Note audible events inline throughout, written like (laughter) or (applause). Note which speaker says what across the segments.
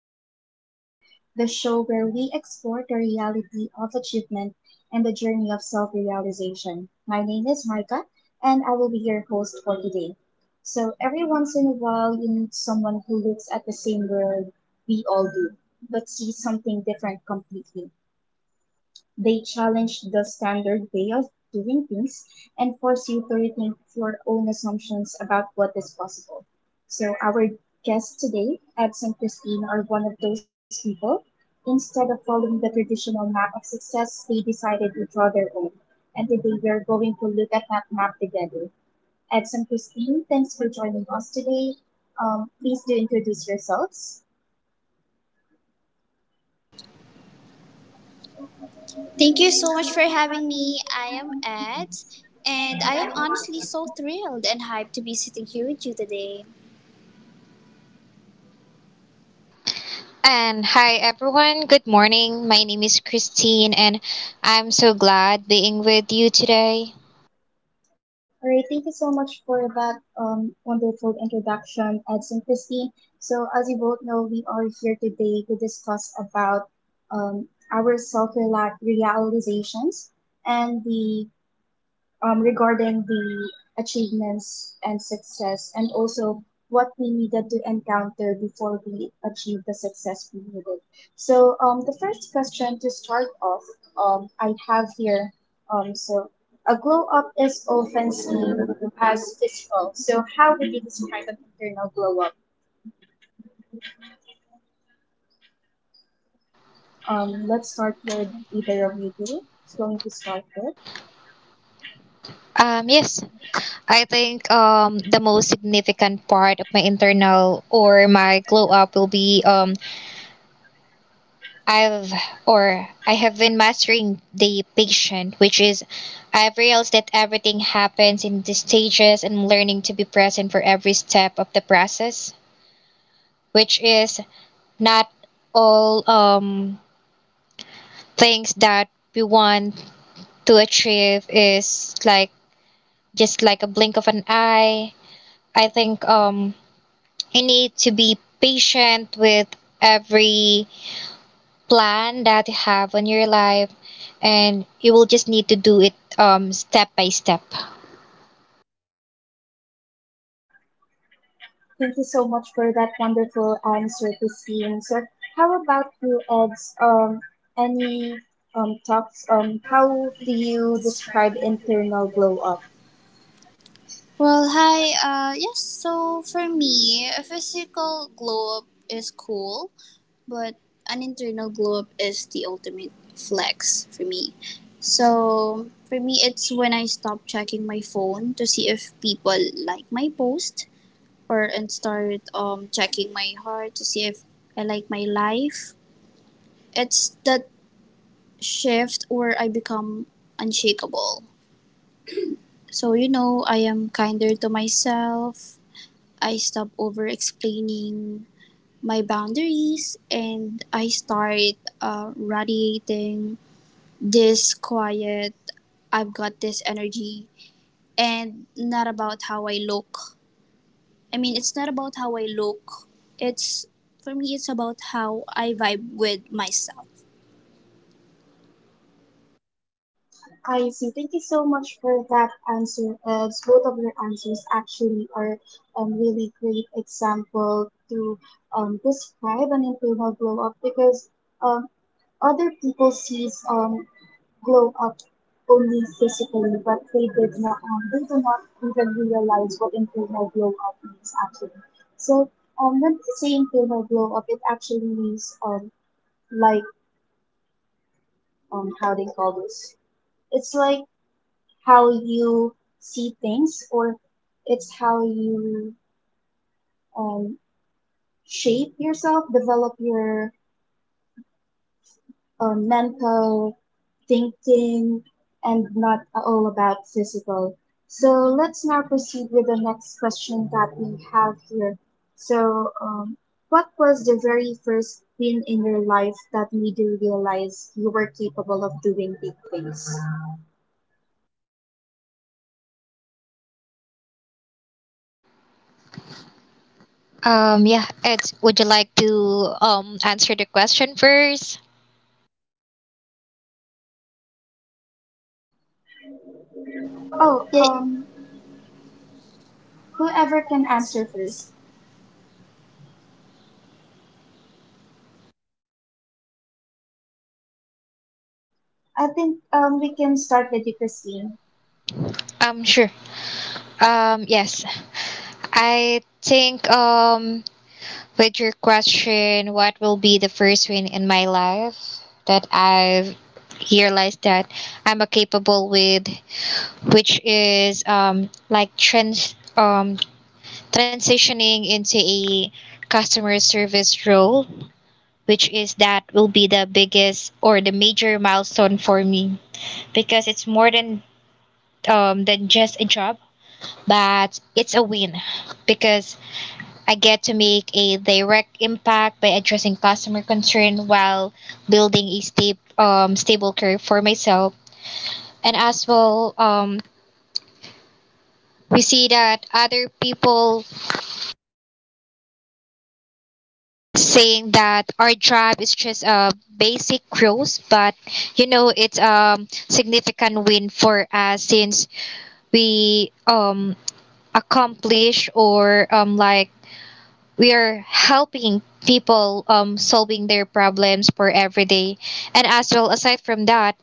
Speaker 1: Life Glow Up, the show where we explore the reality of achievement and the journey of self realization. My name is Marka, and I will be your host for today. So, every once in a while, you meet someone who looks at the same world we all do, but sees something different completely. They challenge the standard way of doing things and force you to rethink your own assumptions about what is possible. So, our guests today, Ebs and Christine, are one of those people. Instead of following the traditional map of success, they decided to draw their own. And today we are going to look at that map together. Ebs and Christine, thanks for joining us today. Please do introduce yourselves.
Speaker 2: Thank you so much for having me. I am Ed, and I am honestly so thrilled and hyped to be sitting here with you today.
Speaker 3: And hi everyone, good morning. My name is Christine and I'm so glad being with you today.
Speaker 1: All right, thank you so much for that wonderful introduction, Eds and Christine. So, as you both know, we are here today to discuss about um, our self-realizations and the regarding the achievements and success, and also what we needed to encounter before we achieved the success we needed. So, the first question to start off, I have here, so a glow up is often seen as physical. So, how would you describe an internal glow up? Let's start with either of you two. Who's going to start first?
Speaker 3: Yes, I think the most significant part of my internal or my glow up will be I've I have been mastering the patient, which is I've realized that everything happens in the stages and I'm learning to be present for every step of the process, which is not all things that we want to achieve is just like a blink of an eye. I think, you need to be patient with every plan that you have on your life, and you will just need to do it, step by step.
Speaker 1: Thank you so much for that wonderful answer, Christine. So, how about you, Eds? Any thoughts on how do you describe internal glow up?
Speaker 2: Well, hi. Yes. So for me, a physical glow up is cool, but an internal glow up is the ultimate flex for me. So for me, it's when I stop checking my phone to see if people like my post or and start checking my heart to see if I like my life. It's that shift where I become unshakable. So I am kinder to myself. I stop over explaining my boundaries, and I start radiating this quiet "I've got this" energy. And not about how I look. I mean, it's not about how I look. It's for me, it's about how I vibe with myself.
Speaker 1: I see. Thank you so much for that answer, Eds. Both of your answers actually are really great example to describe an internal glow up because um other people sees glow up only physically, but they did not, they do not even realize what internal glow up means actually. So, when they say internal glow up, it actually means, like, how they call this. It's like how you see things, or it's how you, um, shape yourself, develop your, mental thinking and not all about physical. So let's now proceed with the next question that we have here. So, what was the very first thing in your life that made you realize you were capable of doing big things?
Speaker 3: Yeah, Ed, would you like to answer the question first?
Speaker 1: Oh,
Speaker 2: Yeah,
Speaker 1: um, Whoever can answer first. I think we can start with you, Christine.
Speaker 3: Sure. Yes. I think, with your question, what will be the first win in my life that I've realized that I'm a capable with, which is transitioning into a customer service role, which is that will be the biggest or the major milestone for me because it's more than just a job, but it's a win because I get to make a direct impact by addressing customer concern while building a stable career for myself. And as well, we see that other people saying that our job is just a basic growth, but it's a significant win for us since we accomplish or like we are helping people, solving their problems for every day, and as well, aside from that,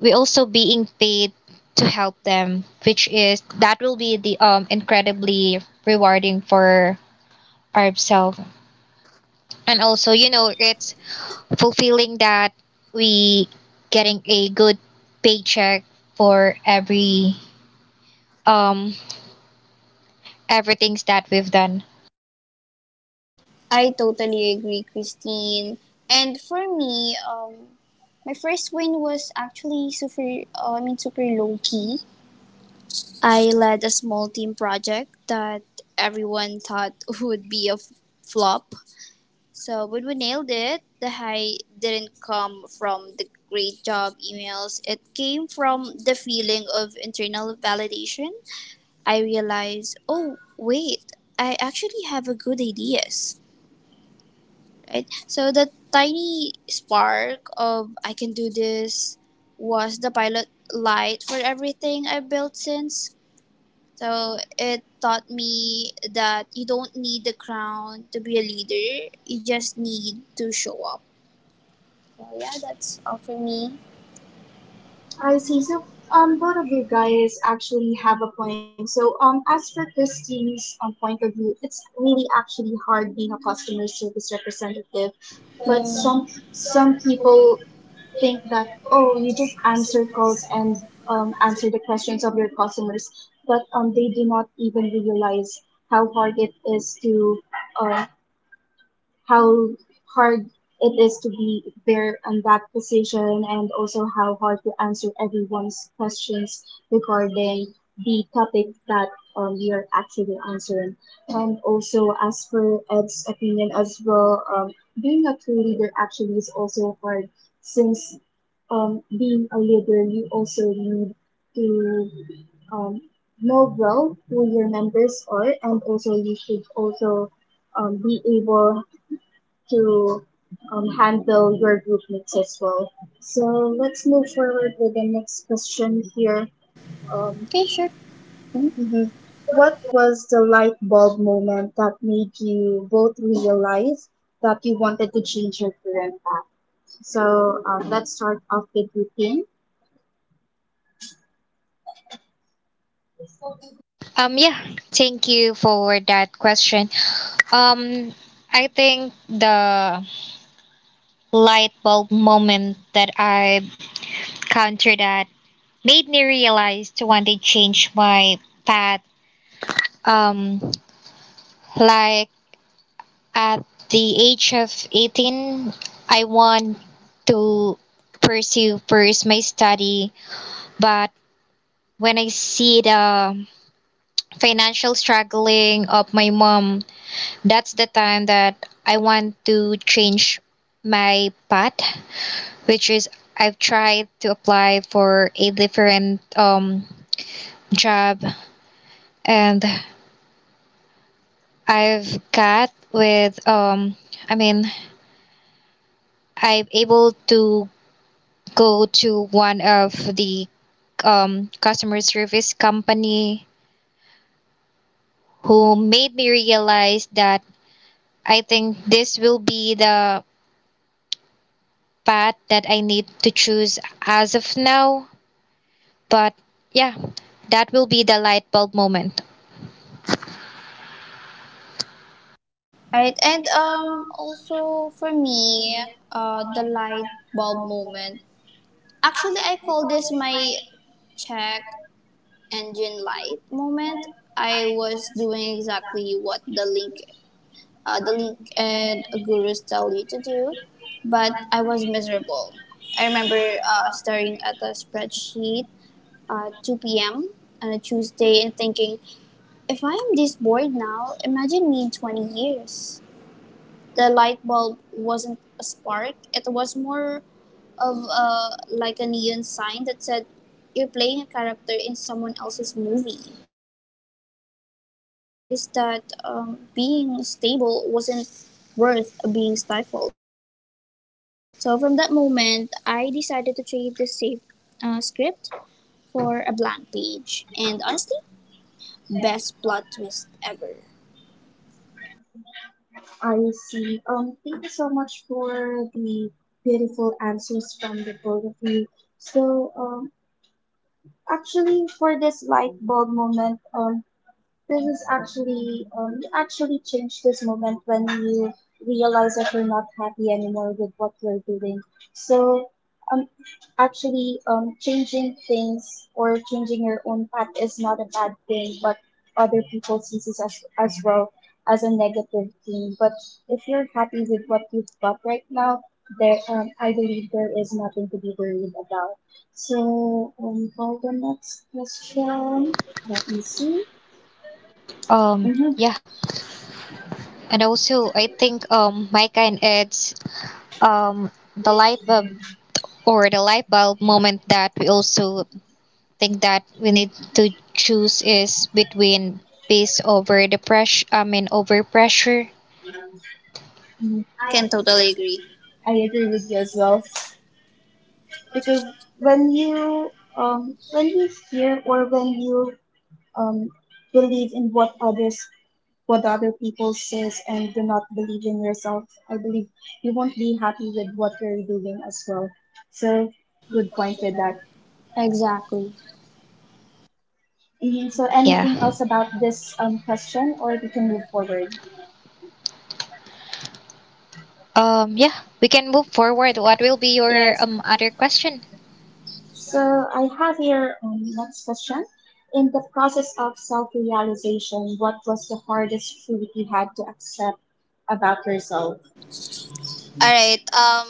Speaker 3: we also being paid to help them, which is that will be the incredibly rewarding for ourselves, and also it's fulfilling that we getting a good paycheck for um everything that we've done.
Speaker 2: I totally agree, Christine. And for me, my first win was actually super. I mean, super low key. I led a small team project that everyone thought (laughs) would be a flop. So, but we nailed it. The high didn't come from the great job emails. It came from the feeling of internal validation. I realize, oh, wait, I actually have a good ideas, right? So the tiny spark of "I can do this" was the pilot light for everything I built since. So it taught me that you don't need the crown to be a leader. You just need to show up. So yeah, that's all for me.
Speaker 1: I see. So, both of you guys actually have a point. So, as for Christine's point of view, it's really actually hard being a customer service representative,
Speaker 2: Yeah.
Speaker 1: but
Speaker 2: Some,
Speaker 1: some
Speaker 2: some
Speaker 1: some
Speaker 2: people
Speaker 1: people
Speaker 2: think
Speaker 1: think
Speaker 2: that,
Speaker 1: that
Speaker 2: oh, you
Speaker 1: oh, you
Speaker 2: just
Speaker 1: just
Speaker 2: add
Speaker 1: answer
Speaker 2: circles
Speaker 1: calls
Speaker 2: and
Speaker 1: and
Speaker 2: add circles.
Speaker 1: answer the questions of your customers, but they do not even realize how hard it is to um, how hard it is to be there in that position and also how hard to answer everyone's questions regarding the topic that you're actually answering. And also, as for Ed's opinion as well, being a true leader actually is also hard since being a leader, you also need to um, know well who your members are and also you should also be able to handle your group mates as well. So let's move forward with the next question here. Um,
Speaker 2: Okay, sure.
Speaker 1: mhm. What was the light bulb moment that made you both realize that you wanted to change your current path? So let's start off with routine.
Speaker 3: Yeah, thank you for that question. Um, I think the light bulb moment that I countered at made me realize to want to change my path. Um, like at the age of 18, I want to pursue first my study, but when I see the financial struggling of my mom. That's the time that I want to change my path, which is I've tried to apply for a different job, and I've got with I mean I'm able to go to one of the customer service company, who made me realize that I think this will be the path that I need to choose as of now. But yeah, that will be the light bulb moment.
Speaker 2: Right, and also for me, the light bulb moment. Actually, I call this my check engine light moment. I was doing exactly what the link and gurus tell you to do, but I was miserable. I remember staring at the spreadsheet at 2 p.m. on a Tuesday and thinking, if I am this bored now, imagine me in 20 years. The light bulb wasn't a spark. It was more of a like a neon sign that said you're playing a character in someone else's movie. So I realized that being stable wasn't worth being stifled. So from that moment, I decided to trade the safe script for a blank page. And honestly, best plot twist ever.
Speaker 1: I see. Thank you so much for the beautiful answers from the both of you. So, actually, for this light bulb moment, this is actually, you actually change this moment when you realize that you're not happy anymore with what you're doing. So, um, actually, changing things or changing your own path is not a bad thing, but other people sees this as well as a negative thing. But if you're happy with what you've got right now, there, I believe there is nothing to be worried about. So, for the next question, let me see.
Speaker 3: Um,
Speaker 1: Mhm.
Speaker 3: yeah, and also I think Micah and Ed's, um the light bulb the light bulb moment that we also think that we need to choose is between peace over the pressure. I mean, over pressure.
Speaker 1: Mm,
Speaker 2: I can totally agree.
Speaker 1: I agree with you as well because when you when you hear or when you um believe in what others what other people says and do not believe in yourself, I believe you won't be happy with what you're doing as well. So good point with that.
Speaker 2: Exactly.
Speaker 1: Mhm. So
Speaker 3: Yeah.
Speaker 1: anything else about this question or we can move forward?
Speaker 3: Yeah. We can move forward. What will be your
Speaker 2: Yes.
Speaker 3: other question?
Speaker 1: So I have here next question. In the process of self-realization, what was the hardest truth you had to accept about yourself?
Speaker 2: All right. Um,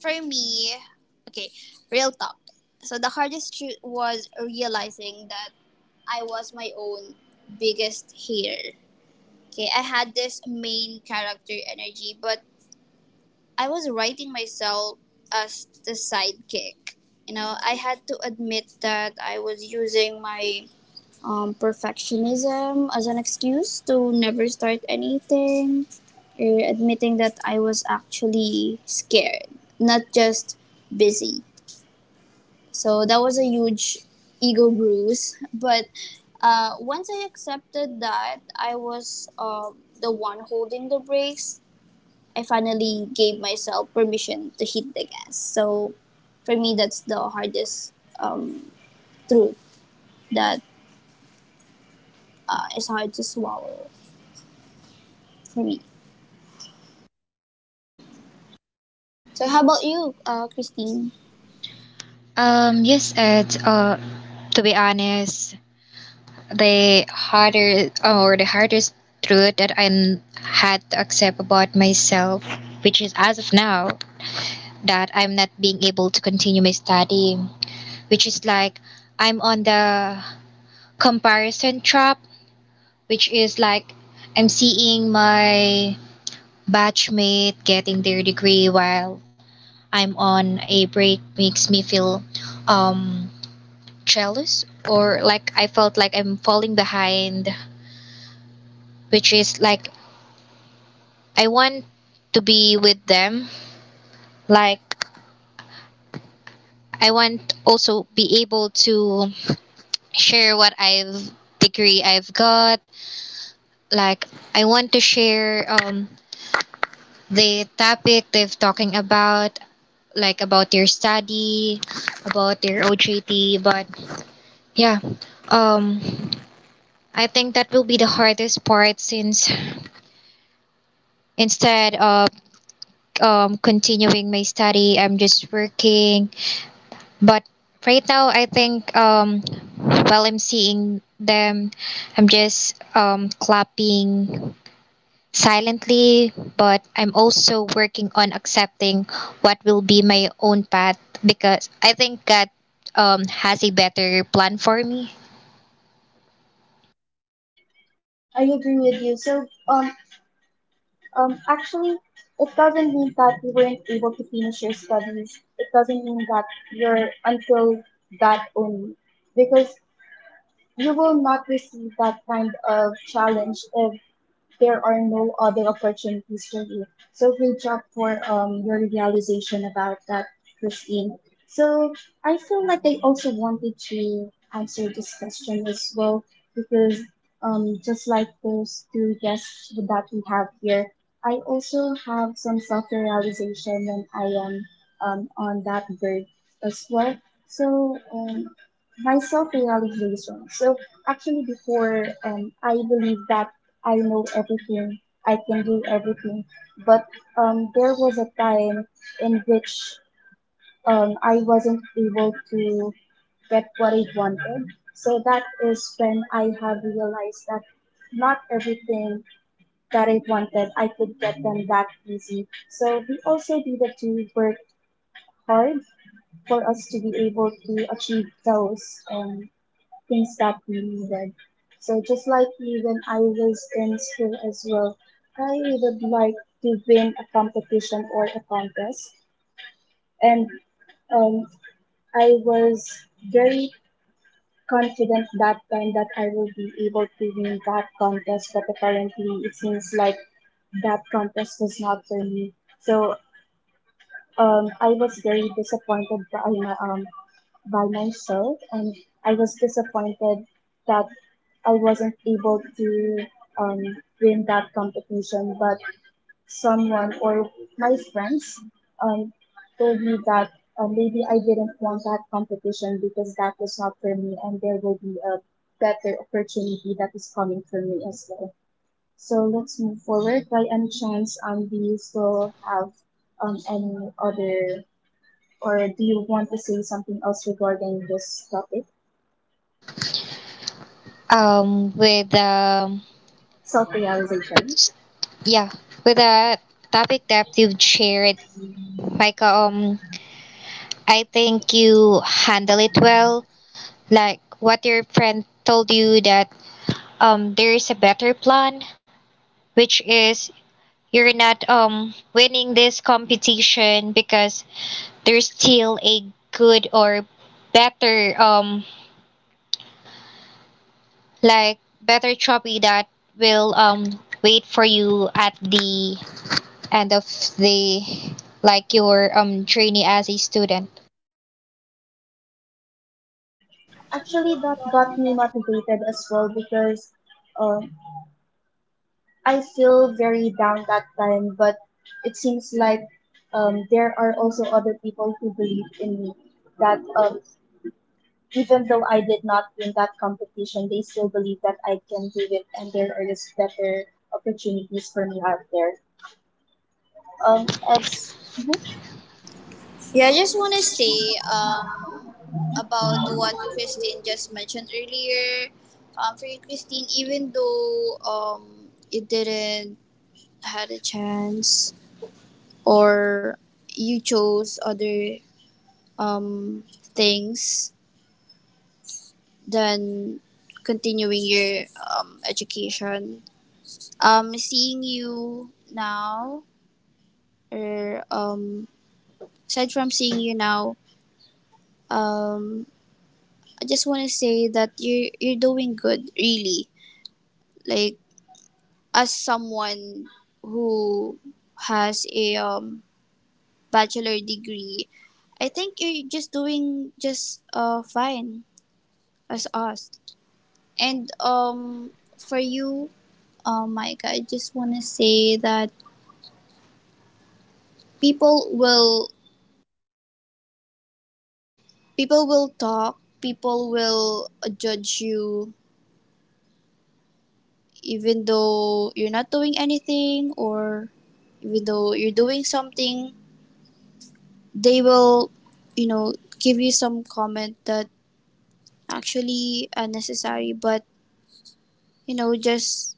Speaker 2: for me, okay, real talk. So the hardest truth was realizing that I was my own biggest hater. Okay, I had this main character energy, but I was writing myself as the sidekick. I had to admit that I was using my perfectionism as an excuse to never start anything, or admitting that I was actually scared, not just busy. So that was a huge ego bruise. (laughs) But once I accepted that I was the one holding the brakes, I finally gave myself permission to hit the gas. So for me, that's the hardest um, truth that is hard to swallow for me. So how about you, Christine?
Speaker 3: Yes, Ed. To be honest, the harder or the hardest truth that I had to accept about myself, which is as of now that I'm not being able to continue my study, which is like I'm on the comparison trap, which is like I'm seeing my batchmate getting their degree while I'm on a break makes me feel um jealous, or like I felt like I'm falling behind, which is like I want to be with them. Like I want also be able to share what I've degree I've got. Like I want to share the topic they've talking about, like about their study, about their OJT. But yeah, um, I think that will be the hardest part since instead of continuing my study, I'm just working. But right now, I think, while I'm seeing them, I'm just, clapping silently, but I'm also working on accepting what will be my own path, because I think God, has a better plan for me.
Speaker 1: I agree with you. So, actually, it doesn't mean that you weren't able to finish your studies. It doesn't mean that you're until that only, because you will not receive that kind of challenge if there are no other opportunities for you. So great job for your realization about that, Christine. So I feel like I also wanted to answer this question as well because just like those two guests that we have here, I also have some self-realization when I am on that bird as well. So my self-realization. So actually before I believe that I know everything, I can do everything. But there was a time in which I wasn't able to get what I wanted. So that is when I have realized that not everything that I wanted, I could get them that easy. So we also needed to work hard for us to be able to achieve those. Things that we needed. So just like even I was in school as well, I would like to win a competition or a contest. And um, I was very confident that time that I will be able to win that contest, but apparently it seems like that contest was not for me. So I was very disappointed by my by myself and I was disappointed that I wasn't able to um, win that competition but someone or my friends um, told me that maybe I didn't want that competition because that was not for me and there will be a better opportunity that is coming for me as well. So let's move forward. By any chance, do you still have any other or do you want to say something else regarding this topic,
Speaker 3: Um, with um,
Speaker 1: self realization?
Speaker 3: s- yeah, with the topic that you've shared, Micah, I think you handle it well. Like what your friend told you that there is a better plan, which is you're not winning this competition because there's still a good or better um better trophy that will wait for you at the end of the like your journey as a student.
Speaker 1: Actually, that got me motivated as well because uh, I feel very down that time, but it seems like there are also other people who believe in me that even though I did not win that competition, they still believe that I can do it and there is better opportunities for me out there. It's, mhm.
Speaker 2: Yeah, I just want to say about what Christine just mentioned earlier. For you, Christine, even though you didn't had a chance or you chose other um, things, than continuing your education. Seeing you now, or aside from seeing you now, um, I just want to say that you're doing good, really. Like as someone who has a bachelor degree, I think you're just doing just fine as us. And for you, oh my god, I just want to say that people will people will talk. People will judge you even though you're not doing anything, or even though you're doing something, they will you know give you some comment that actually unnecessary, but just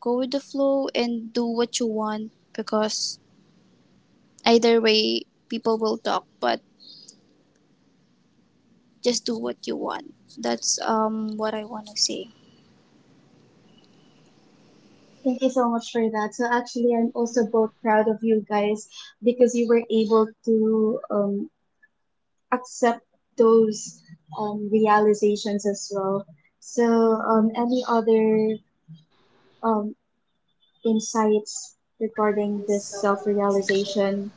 Speaker 2: go with the flow and do what you want, because either way people will talk, but just do what you want. That's what I want to say.
Speaker 1: Thank you so much for that. So actually, I'm also both proud of you guys because you were able to accept those realizations as well. So, any other um, insights regarding
Speaker 2: This
Speaker 1: this
Speaker 2: self-realization.
Speaker 1: self-realization?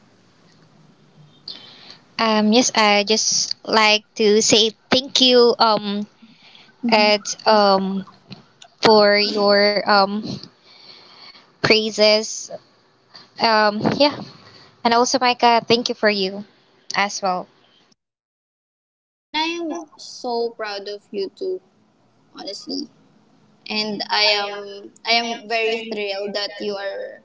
Speaker 3: Yes, I just like to say thank you,
Speaker 2: Mhm.
Speaker 3: Ed, for your praises. Yeah. And also, Micah, thank you for you as well.
Speaker 2: You're welcome. And I am so proud of you too, honestly. And I am very thrilled that you are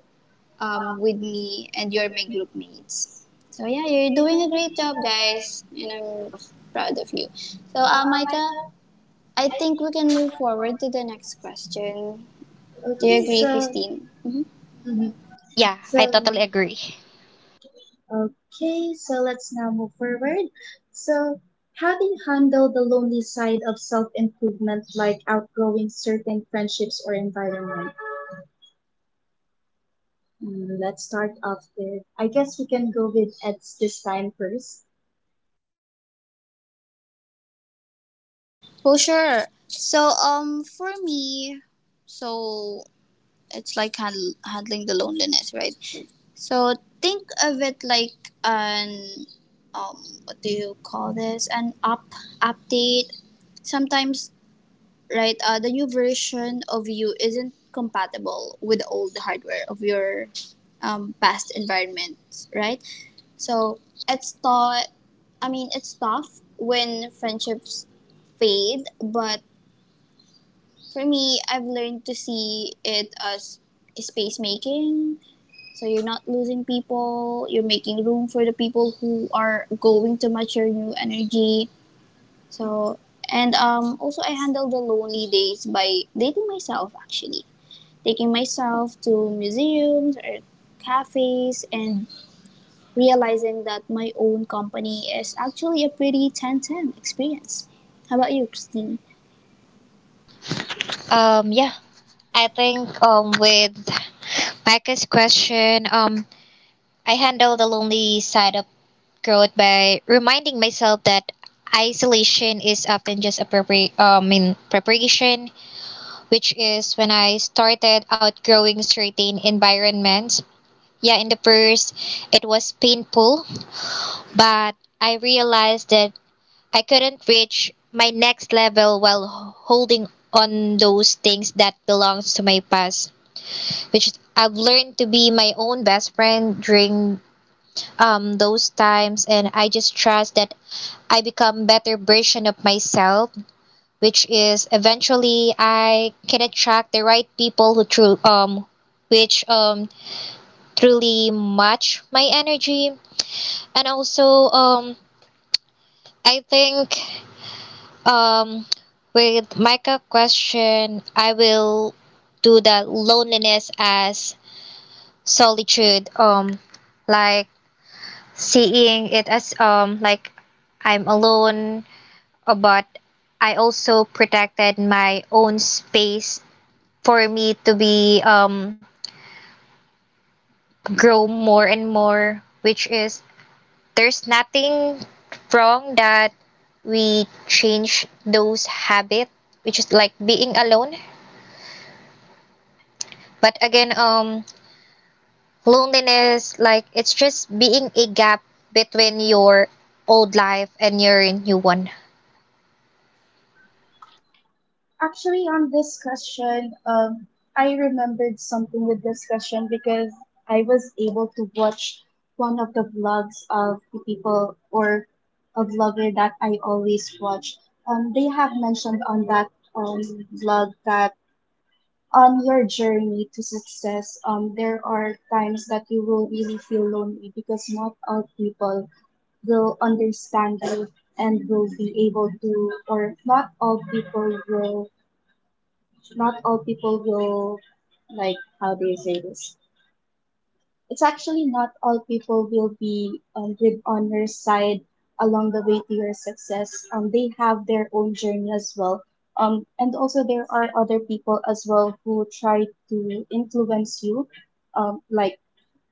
Speaker 2: with me and you're my group mates. So yeah, you're doing a great job, guys, and I'm proud of you. So Micah, I think we can move forward to the next question. Do you
Speaker 1: Okay,
Speaker 2: agree,
Speaker 1: so
Speaker 2: Christine? Mm-hmm.
Speaker 1: mhm.
Speaker 3: Yeah,
Speaker 1: So
Speaker 3: I totally agree.
Speaker 1: okay, so let's now move forward. So, having handled the lonely side of self improvement, like outgrowing certain friendships or environments. Mm, let's start off with I guess we can go with Ed's this time first.
Speaker 2: Oh, sure. So for me, so it's like handling the loneliness, right? So think of it like an what do you call this, an up update, sometimes, right? The new version of you isn't compatible with the old hardware of your past environment, right? So it's thought I mean it's tough when friendships fade, but for me, I've learned to see it as space making. So you're not losing people, you're making room for the people who are going to match your new energy. So and also I handle the lonely days by dating myself, actually. Taking myself to museums or cafes and realizing that my own company is actually a pretty 10 ten experience. How about you, Christine?
Speaker 3: Yeah, I think with Micah's question, I handle the lonely side of growth by reminding myself that isolation is often just a prepar- in preparation, which is when I started outgrowing certain environments. Yeah, in the first, it was painful, but I realized that I couldn't reach my next level while holding on those things that belongs to my past, which I've learned to be my own best friend during, those times, and I just trust that I become better version of myself, which is eventually I can attract the right people who true which truly match my energy, and also I think, Um, with Micah question, I will do the loneliness as solitude. Like seeing it as like I'm alone, but I also protected my own space for me to be grow more and more, which is there's nothing wrong that we change those habit, which is like being alone. But again, loneliness, like it's just being a gap between your old life and your new one.
Speaker 1: Actually, on this question, I remembered something with this question because I was able to watch one of the vlogs of the people or a vlogger that I always watch. They have mentioned on that um, vlog that on your journey to success, there are times that you will really feel lonely because not all people will understand you and will be able to or not all people will like how do you say this it's actually not all people will be with on your side along the way to your success they have their own journey as well and also there are other people as well who try to influence you like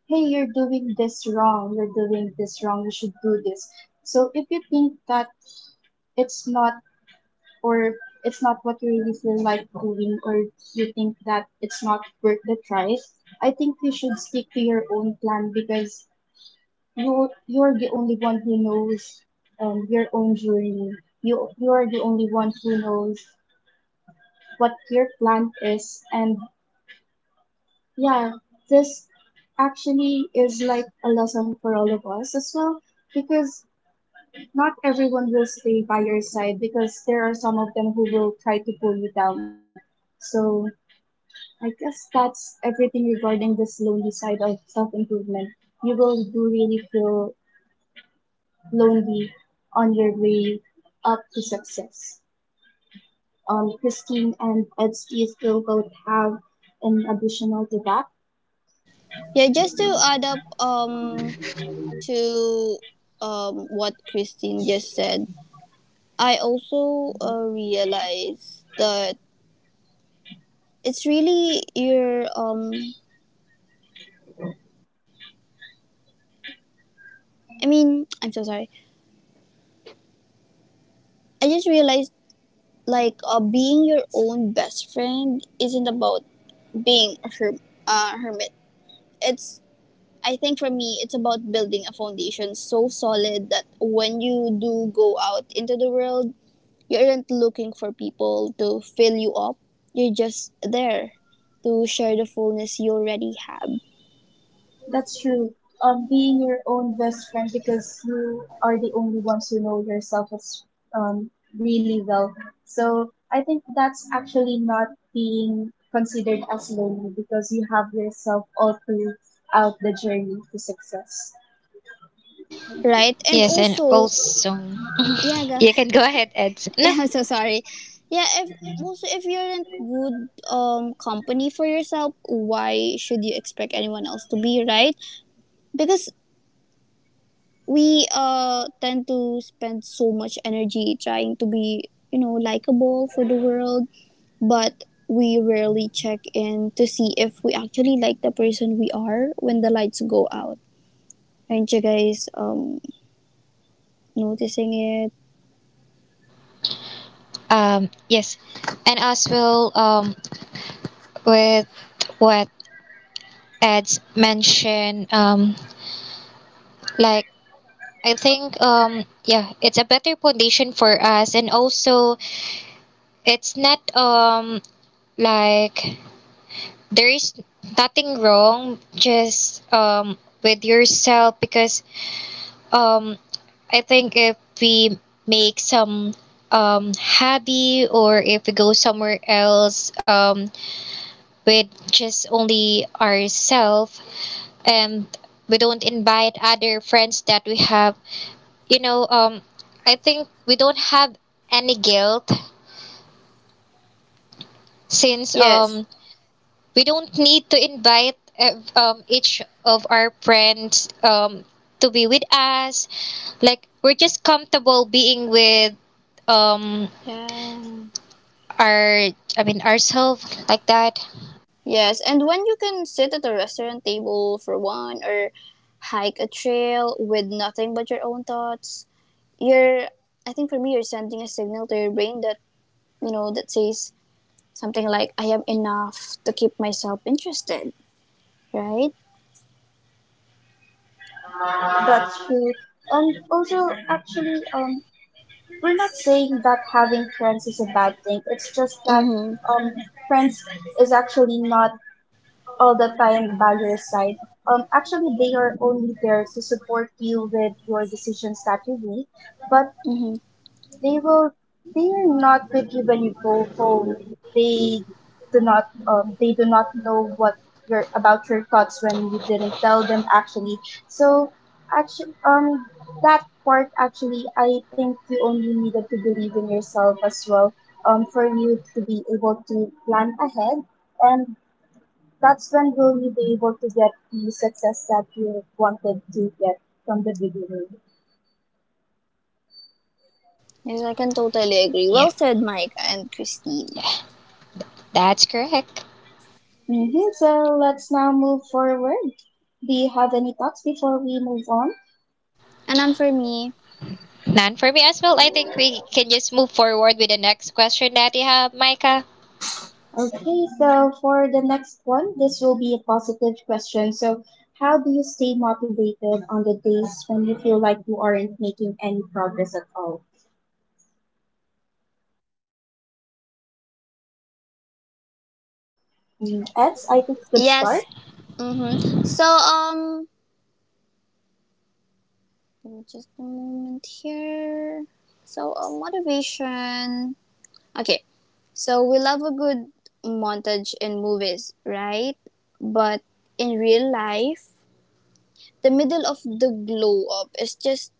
Speaker 1: hey you're doing this wrong you're doing this wrong you should do this so if you think that it's not or it's not what you really feel like doing or you think that it's not worth the try, I think you should stick to your own plan because you're the only one who knows your own journey. You're the only one who knows what your plan is and yeah, this actually is like a lesson for all of us as well because not everyone will stay by your side because there are some of them who will try to pull you down. So I guess that's everything regarding this lonely side of self improvement. You will do really feel lonely on your way up to success. Christine and Edsky still both have an additional to that.
Speaker 2: Yeah, just to add up to what Christine just said, I also realize that it's really your. I mean, I'm so sorry. I just realized like being your own best friend isn't about being a hermit. It's I think for me it's about building a foundation so solid that when you do go out into the world, you aren't looking for people to fill you up. You're just there to share the fullness you already have,
Speaker 1: That's true. Being your own best friend because you are the only ones who know yourself as um, really well. So I think that's actually not being considered as lonely because you have yourself all throughout the journey to success.
Speaker 2: right? And
Speaker 3: Yes, and
Speaker 2: also,
Speaker 3: also
Speaker 2: yeah,
Speaker 3: (laughs) you can
Speaker 2: guys.
Speaker 3: go ahead, Ed.
Speaker 2: (laughs)
Speaker 3: No,
Speaker 2: Yeah, I'm so sorry. Yeah, if also if you're in good company for yourself, why should you expect anyone else to be, right? Because we tend to spend so much energy trying to be likable for the world, but we rarely check in to see if we actually like the person we are when the lights go out. Aren't you guys noticing it?
Speaker 3: yes, and as well, with what Ed mentioned, like I think, yeah, it's a better foundation for us, and also it's not like there is nothing wrong just with yourself, because um I think if we make some hobby or if we go somewhere else with just only ourselves, and we don't invite other friends that we have, you know um I think we don't have any guilt since,
Speaker 2: Yes.
Speaker 3: we don't need to invite each of our friends, to be with us. Like we're just comfortable being with, um,
Speaker 2: Yeah.
Speaker 3: our, ourselves like that.
Speaker 2: Yes, and when you can sit at a restaurant table for one or hike a trail with nothing but your own thoughts, you're I think for me you're sending a signal to your brain that says something like I am enough to keep myself interested, right?
Speaker 1: That's true. And also, actually, we're not saying that having friends is a bad thing. It's just that
Speaker 2: Mhm.
Speaker 1: um, friends is actually not all the time buyer's side. Actually, they are only there to support you with your decisions that you make, but
Speaker 2: Mhm.
Speaker 1: they will, they are not with you when you go home. They do not know what your about your thoughts when you didn't tell them actually. So actually, that part actually, I think you only needed to believe in yourself as well. For you to be able to plan ahead and that's when will you be able to get the success that you wanted to get from the beginning.
Speaker 2: Yes, I can totally agree.
Speaker 3: Yeah,
Speaker 2: Well said, Mike and Christine.
Speaker 3: that's correct.
Speaker 1: So let's now move forward. Do you have any thoughts before we move on?
Speaker 2: And then for me,
Speaker 3: None for me as well. I think we can just move forward with the next question that you have, Micah.
Speaker 1: Okay, so for the next one, this will be a positive question. So, how do you stay motivated on the days when you feel like you aren't making any progress at all? Eds, I think good start.
Speaker 2: yes. Mhm. So give me just a moment here. So motivation. Okay, so we love a good montage in movies, right? But in real life, the middle of the glow up is just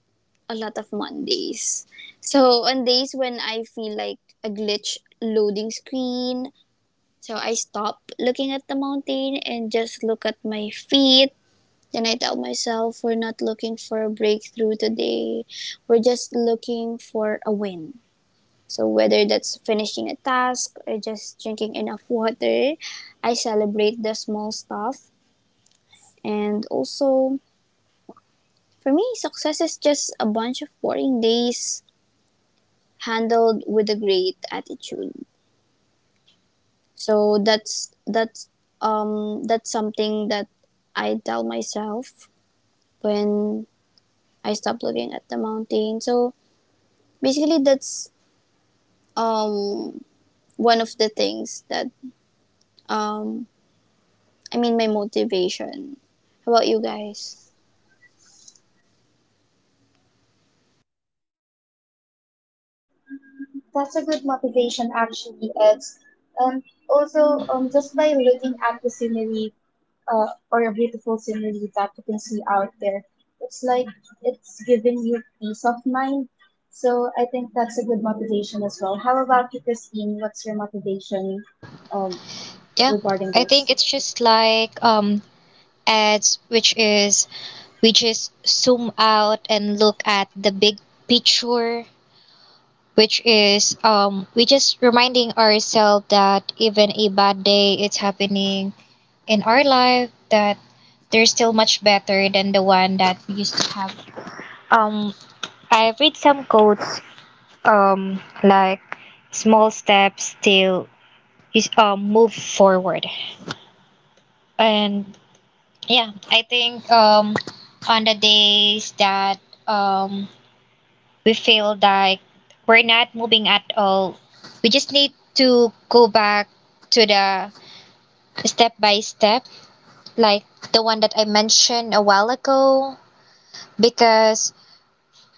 Speaker 2: a lot of Mondays. So on days when I feel like a glitch loading screen, so I stop looking at the mountain and just look at my feet. Then I tell myself we're not looking for a breakthrough today. We're just looking for a win. So, whether that's finishing a task or just drinking enough water, I celebrate the small stuff. And also, for me, success is just a bunch of boring days handled with a great attitude. So that's something that I tell myself when I stop looking at the mountain. So basically, that's um one of the things that um I mean, my motivation. How about you guys?
Speaker 1: That's a good motivation, actually, Eds. Um, Also, just by looking at the scenery or a beautiful scenery that you can see out there. It's like it's giving you peace of mind. So I think that's a good motivation as well. How about you, Christine? What's your motivation um,
Speaker 3: Yeah,
Speaker 1: regarding
Speaker 3: I think
Speaker 1: this?
Speaker 3: it's just like ads, which is we just zoom out and look at the big picture, which is we just reminding ourselves that even a bad day is happening in our life, that there's still much better than the one that we used to have. um I read some quotes, like small steps still is move forward. And yeah, I think, on the days that um we feel like we're not moving at all, we just need to go back to the step by step, like the one that I mentioned a while ago, because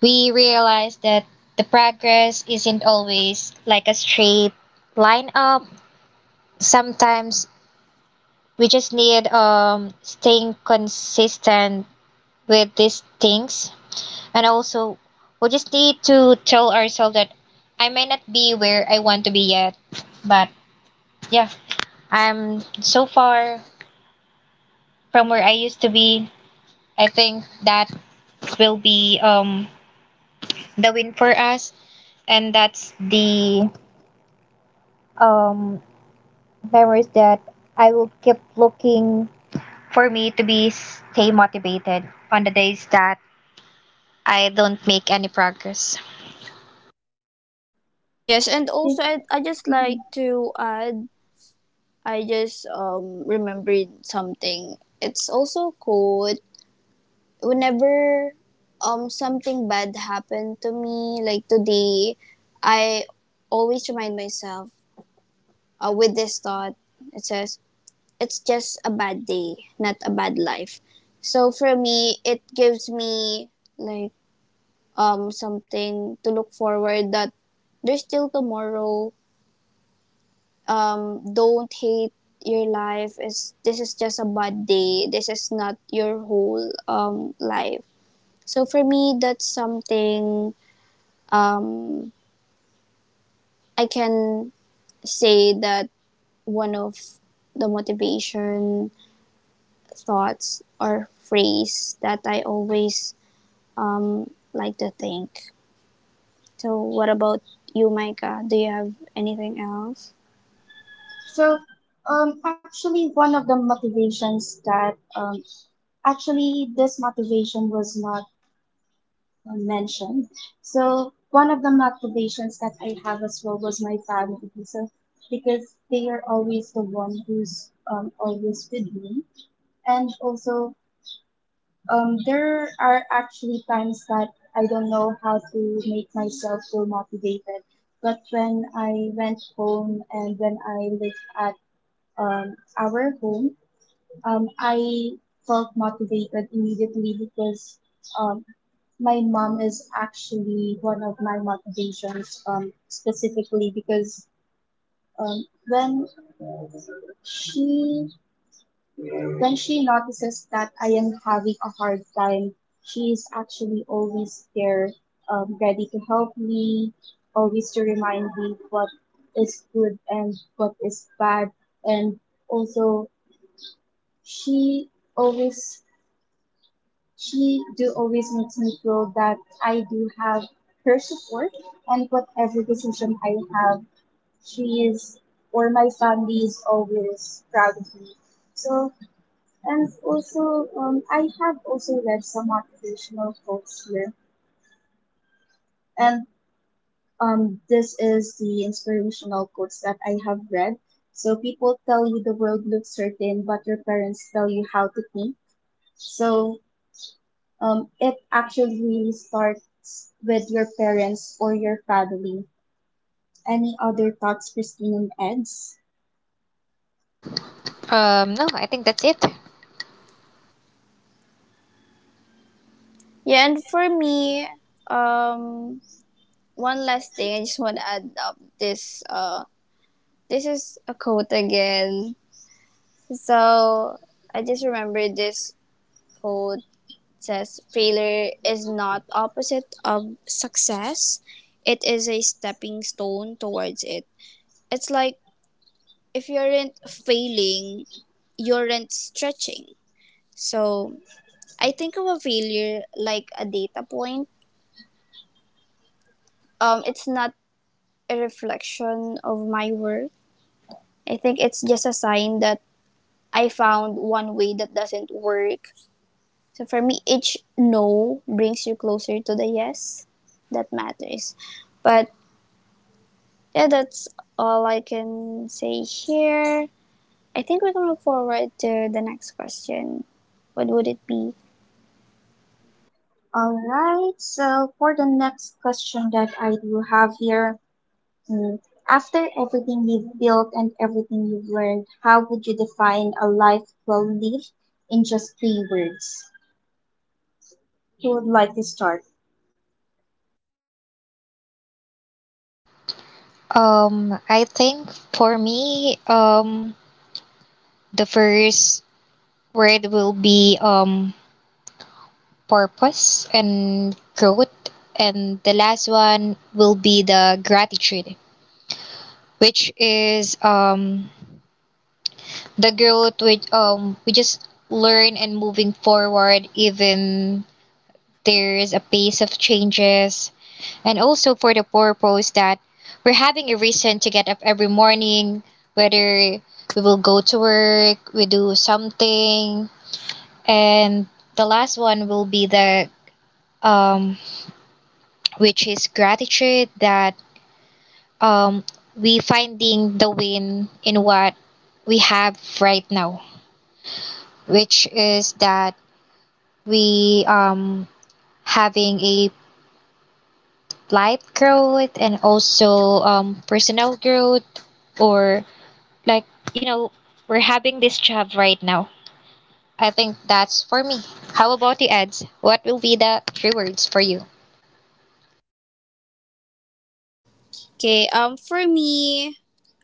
Speaker 3: we realize that the progress isn't always like a straight line up. Sometimes we just need, staying consistent with these things. And also, we just need to tell ourselves that I may not be where I want to be yet, but yeah, I'm so far from where I used to be. I think that will be the win for us, and that's the um memories that I will keep looking for me to be stay motivated on the days that I don't make any progress.
Speaker 2: Yes, and
Speaker 1: Okay.
Speaker 2: also I just
Speaker 1: Mhm.
Speaker 2: like to add, I just remembered something. It's also quote whenever something bad happened to me, like today, I always remind myself with this thought. It says it's just a bad day, not a bad life. So for me, it gives me like something to look forward that there's still tomorrow. Don't hate your life. Is this is just a bad day. This is not your whole life. So for me, that's something um, I can say that one of the motivation thoughts or phrase that I always like to think. So what about you, Micah? Do you have anything else?
Speaker 1: So, actually, one of the motivations that actually this motivation was not mentioned. So one of the motivations that I have as well was my family. So because they are always the one who's always with me, and also there are actually times that I don't know how to make myself feel motivated. But when I went home and when I lived at our home, I felt motivated immediately because um, my mom is actually one of my motivations, specifically because when she when she notices that I am having a hard time, she is actually always there, ready to help me, always to remind me what is good and what is bad, and also she always she do always makes me feel that I do have her support and whatever decision I have, she is or my family is always proud of me. So and also I have also read some motivational quotes here and this is the inspirational quotes that I have read. So people tell you the world looks certain, but your parents tell you how to think. So it actually really starts with your parents or your family. Any other thoughts, Christine and Eds?
Speaker 3: No, I think that's it.
Speaker 2: Yeah, and for me, um, one last thing I just want to add up this. This is a quote again. So I just remember this quote says, "Failure is not opposite of success. It is a stepping stone towards it." It's like if you aren't failing, you aren't stretching. So I think of a failure like a data point. It's not a reflection of my work. I think it's just a sign that I found one way that doesn't work. So for me, each no brings you closer to the yes that matters. But yeah, that's all I can say here. I think we can move forward to the next question. What would it be?
Speaker 1: All right, so for the next question that I do have here, mm, after everything you've built and everything you've learned, how would you define a life well lived in just three words? Who would like to start?
Speaker 3: I think for me, the first word will be, purpose and growth, and the last one will be the gratitude, which is, the growth which, we just learn and moving forward even there's a pace of changes, and also for the purpose that we're having a reason to get up every morning, whether we will go to work, we do something, and the last one will be the um, which is gratitude that, um, we finding the win in what we have right now, which is that we having a life growth and also personal growth, or Like, you know, we're having this job right now. I think that's for me. How about the ads? What will be the three words for you?
Speaker 2: Okay, for me,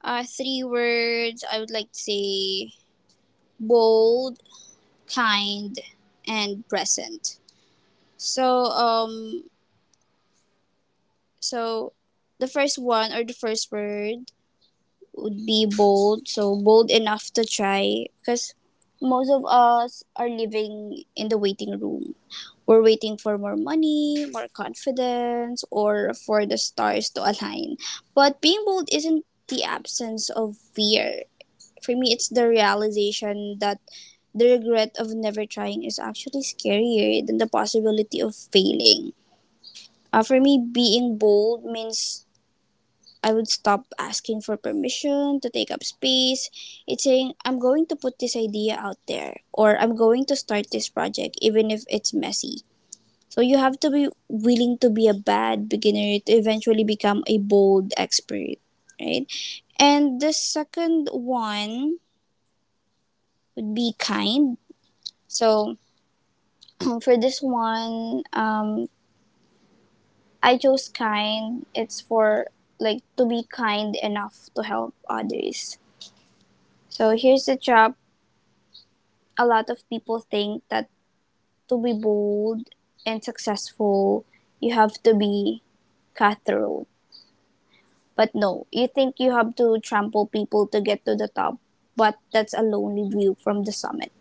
Speaker 2: three words I would like to say bold, kind, and present. So so the first one or the first word would be bold. So bold enough to try because most of us are living in the waiting room. We're waiting for more money, more confidence, or for the stars to align. But being bold isn't the absence of fear. For me, it's the realization that the regret of never trying is actually scarier than the possibility of failing. For me, being bold means I would stop asking for permission to take up space. It's saying, I'm going to put this idea out there, or I'm going to start this project, even if it's messy. So you have to be willing to be a bad beginner to eventually become a bold expert, right? And the second one would be kind. So (clears throat) for this one, I chose kind. It's for like to be kind enough to help others. So here's the trap: a lot of people think that to be bold and successful, you have to be cutthroat. But no, you think you have to trample people to get to the top, but that's a lonely view from the summit.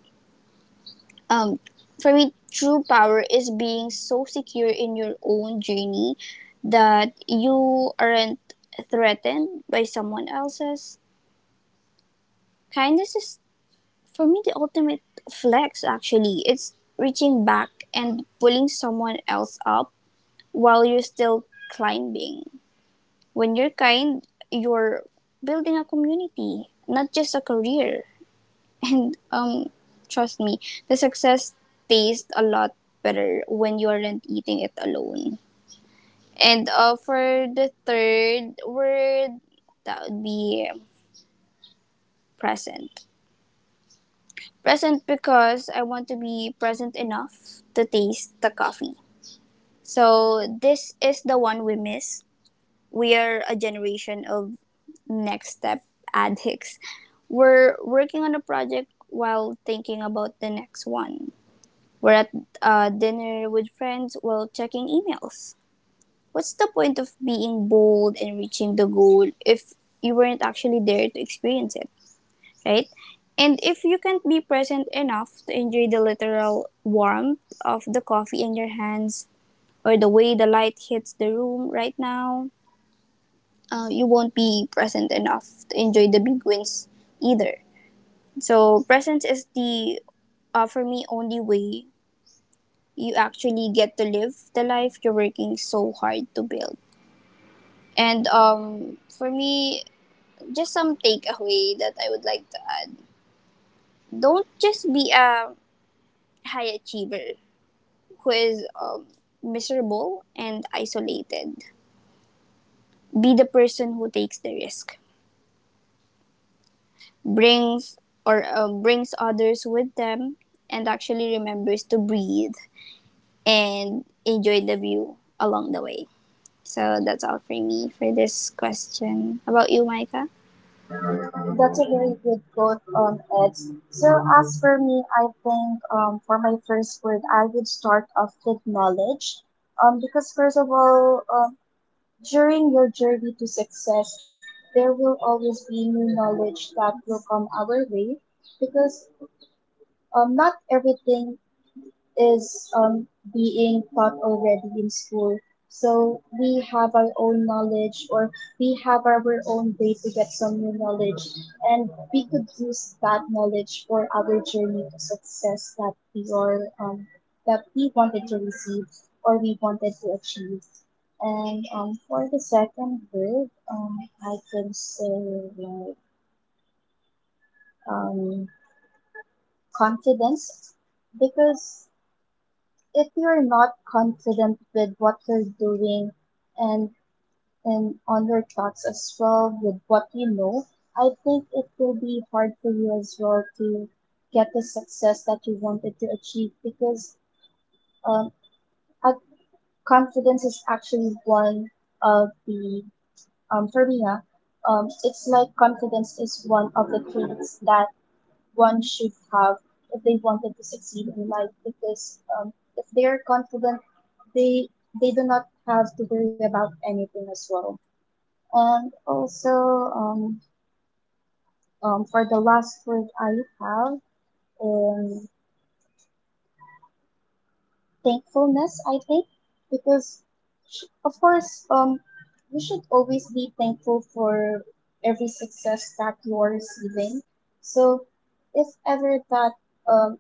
Speaker 2: um, for me, true power is being so secure in your own journey that you aren't threatened by someone else's. Kindness is, for me, the ultimate flex, actually. It's reaching back and pulling someone else up while you're still climbing. When you're kind, you're building a community, not just a career. And Trust me, the success tastes a lot better when you aren't eating it alone. And for the third word, that would be present. Present because I want to be present enough to taste the coffee. So this is the one we miss. We are a generation of next step addicts. We're working on a project while thinking about the next one. We're at dinner with friends while checking emails. What's the point of being bold and reaching the goal if you weren't actually there to experience it, right? And if you can't be present enough to enjoy the literal warmth of the coffee in your hands or the way the light hits the room right now, you won't be present enough to enjoy the big wins either. So, presence is for me, only way you actually get to live the life you're working so hard to build. And for me, just some takeaway that I would like to add: don't just be a high achiever who is miserable and isolated. Be the person who takes the risk, brings brings others with them, and actually remembers to breathe and enjoy the view along the way. So that's all for me for this question. How about you, Micah?
Speaker 1: That's a very good quote on it. So as for me, I think for my first word, I would start off with knowledge. Because first of all, during your journey to success, there will always be new knowledge that will come our way. Because not everything is being taught already in school. So we have our own knowledge or we have our own way to get some new knowledge and we could use that knowledge for our journey to success that we are that we wanted to receive or we wanted to achieve. And for the second word, I can say like um, confidence because if you're not confident with what you're doing and on your thoughts as well with what you know, I think it will be hard for you as well to get the success that you wanted to achieve because um, uh, confidence is actually one of the for me, ah, it's like confidence is one of the traits that one should have if they wanted to succeed in life because if they are confident they they do not have to worry about anything as well and also um, for the last word I have um, thankfulness I think because of course you should always be thankful for every success that you are receiving so if ever that um,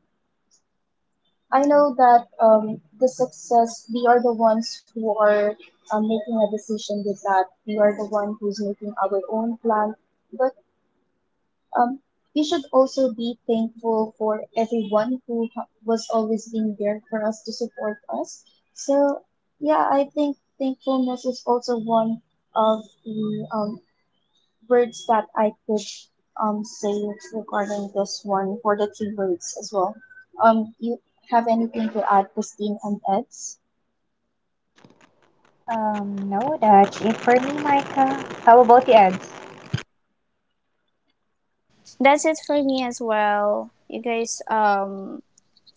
Speaker 1: I know that the success, we are the ones who are making a decision with that. We are the one who's making our own plan. But um, we should also be thankful for everyone who was always being there for us to support us. So, yeah, I think thankfulness is also one of the words that I could say regarding this one for the three words as well. You have anything to add, Christine and Eds?
Speaker 3: No, that's it for me, Micah. How about the ads?
Speaker 2: That's it for me as well. You guys,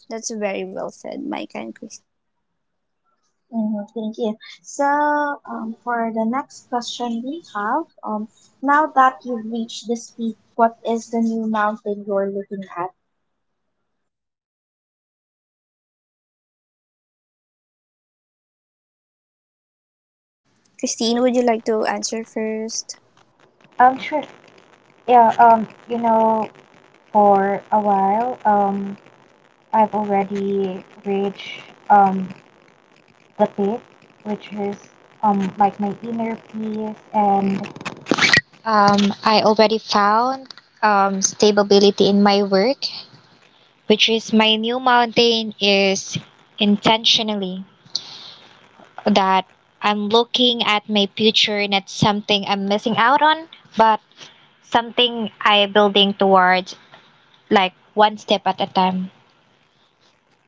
Speaker 2: that's very well said, Micah and Christine. Good job.
Speaker 1: Mhm, thank you. So, for the next question we have, now that you've reached this peak, what is the new mountain you're looking at?
Speaker 2: Christine, would you like to answer first?
Speaker 3: Sure. Yeah, for a while, I've already reached, um, the peak, which is, like my inner peace, and I already found, stability in my work, which is my new mountain is intentionally that I'm looking at my future, not something I'm missing out on, but something I building towards, like one step at a time.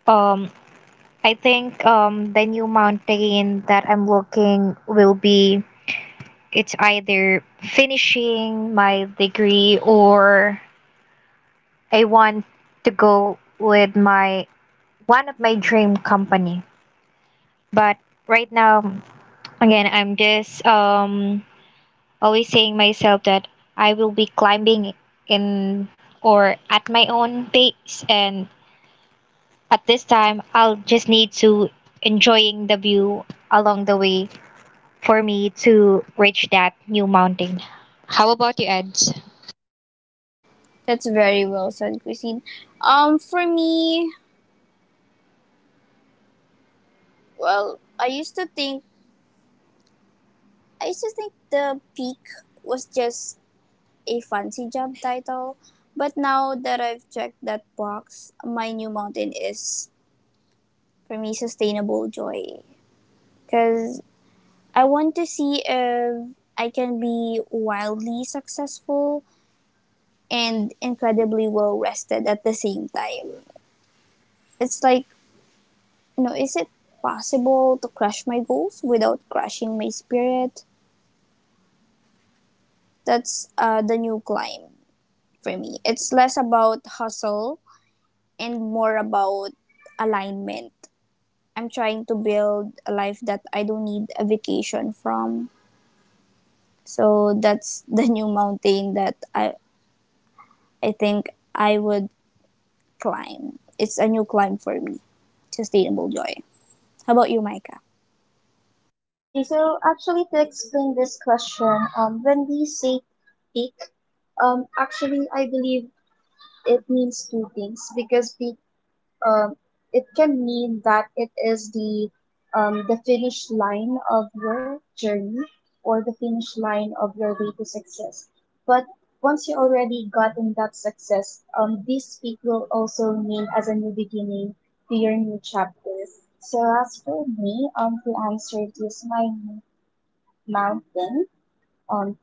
Speaker 3: Um I think the new mountain that I'm looking will be it's either finishing my degree or I want to go with my one of my dream company. But right now, again, I'm just always saying myself that I will be climbing in or at my own pace, and at this time I'll just need to enjoying the view along the way for me to reach that new mountain. How about you, Ed?
Speaker 2: That's very well said, Christine. For me, well, I used to think the peak was just a fancy job title, but now that I've checked that box, my new mountain is for me sustainable joy. Cause I want to see if I can be wildly successful and incredibly well rested at the same time. It's like, you know, is it possible to crush my goals without crushing my spirit? That's the new climb for me. It's less about hustle and more about alignment. I'm trying to build a life that I don't need a vacation from. So that's (laughs) the new mountain that I think I would climb. It's a new climb for me. Sustainable joy. How about you, Micah?
Speaker 1: Okay, so actually to explain this question, when we say peak, actually I believe it means two things because peak um, it can mean that it is the finish line of your journey or the finish line of your way to success. But once you already gotten that success, this peak will also mean as a new beginning to your new chapter. So as for me, to answer this, my mountain, um,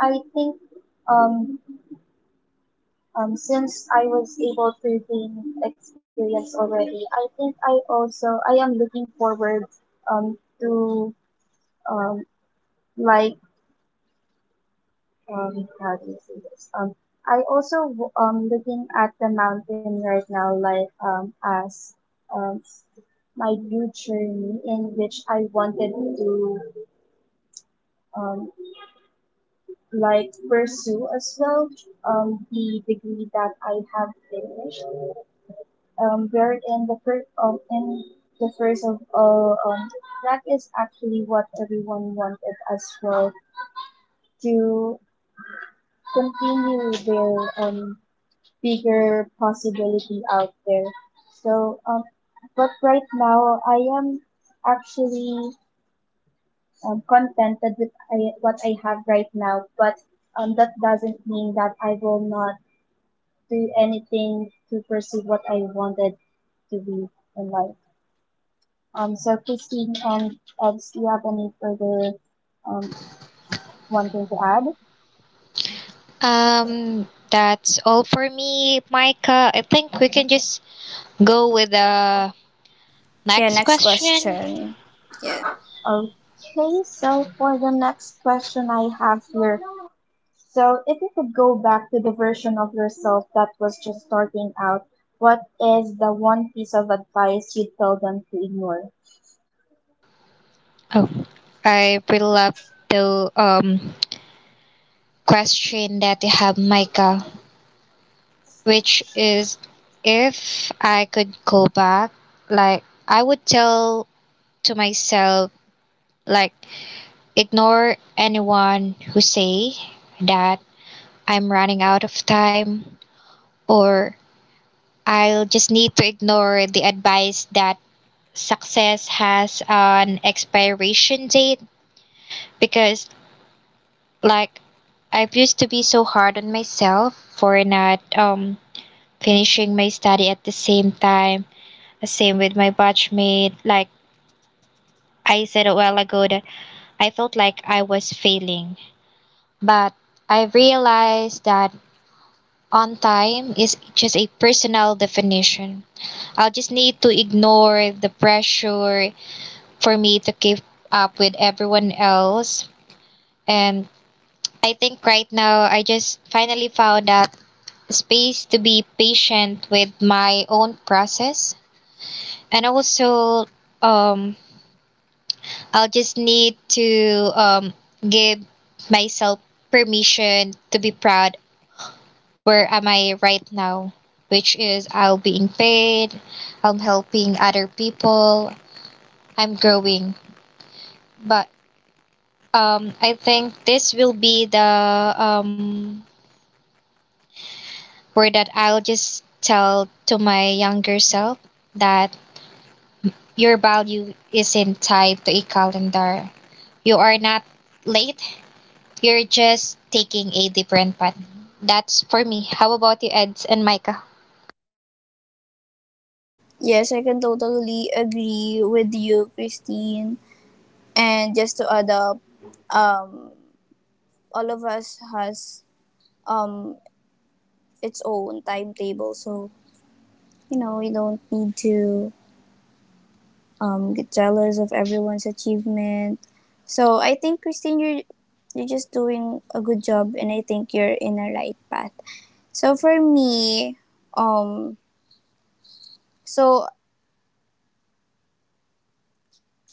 Speaker 1: I think, um, since I was able to gain experience already, I think I am looking forward to um, like how do you say this? I also looking at the mountain right now, like as um my new journey in which I wanted to um like pursue as well the degree that I have finished. Buried in the first of in the first of all. That is actually what everyone wanted as well to continue their um, bigger possibility out there. So, but right now I am actually contented with what I have right now. But that doesn't mean that I will not do anything to pursue what I wanted to be in life. So Christine and Ed, do you have any further um, one thing to add?
Speaker 3: That's all for me, Micah. I think we can just go with the
Speaker 2: Yeah,
Speaker 3: next
Speaker 2: next
Speaker 3: question.
Speaker 2: question. Yeah.
Speaker 1: Okay, so for the next question I have here, so if you could go back to the version of yourself that was just starting out, what is the one piece of advice you'd tell them to ignore?
Speaker 3: Oh, I really love the question that you have, Micah, which is if I could go back, like I would tell to myself, like ignore anyone who say that I'm running out of time, or I'll just need to ignore the advice that success has an expiration date, because like I've used to be so hard on myself for not finishing my study at the same time, same with my batchmate, like I said a while ago that I felt like I was failing, but I realized that on time is just a personal definition. I'll just need to ignore the pressure for me to keep up with everyone else, and I think right now I just finally found that space to be patient with my own process. And also, um I'll just need to give myself permission to be proud. Where am I right now? Which is I'll being paid, I'm helping other people, I'm growing. But I think this will be the um, word that I'll just tell to my younger self, that your value isn't tied to a calendar. You are not late. You're just taking a different path. That's for me. How about you, Eds and Micah?
Speaker 2: Yes, I can totally agree with you, Christine. And just to add up, um, all of us has um its own timetable, so you know we don't need to get jealous of everyone's achievement. So I think Christine, you're just doing a good job, and I think you're in a right path. So for me, um, so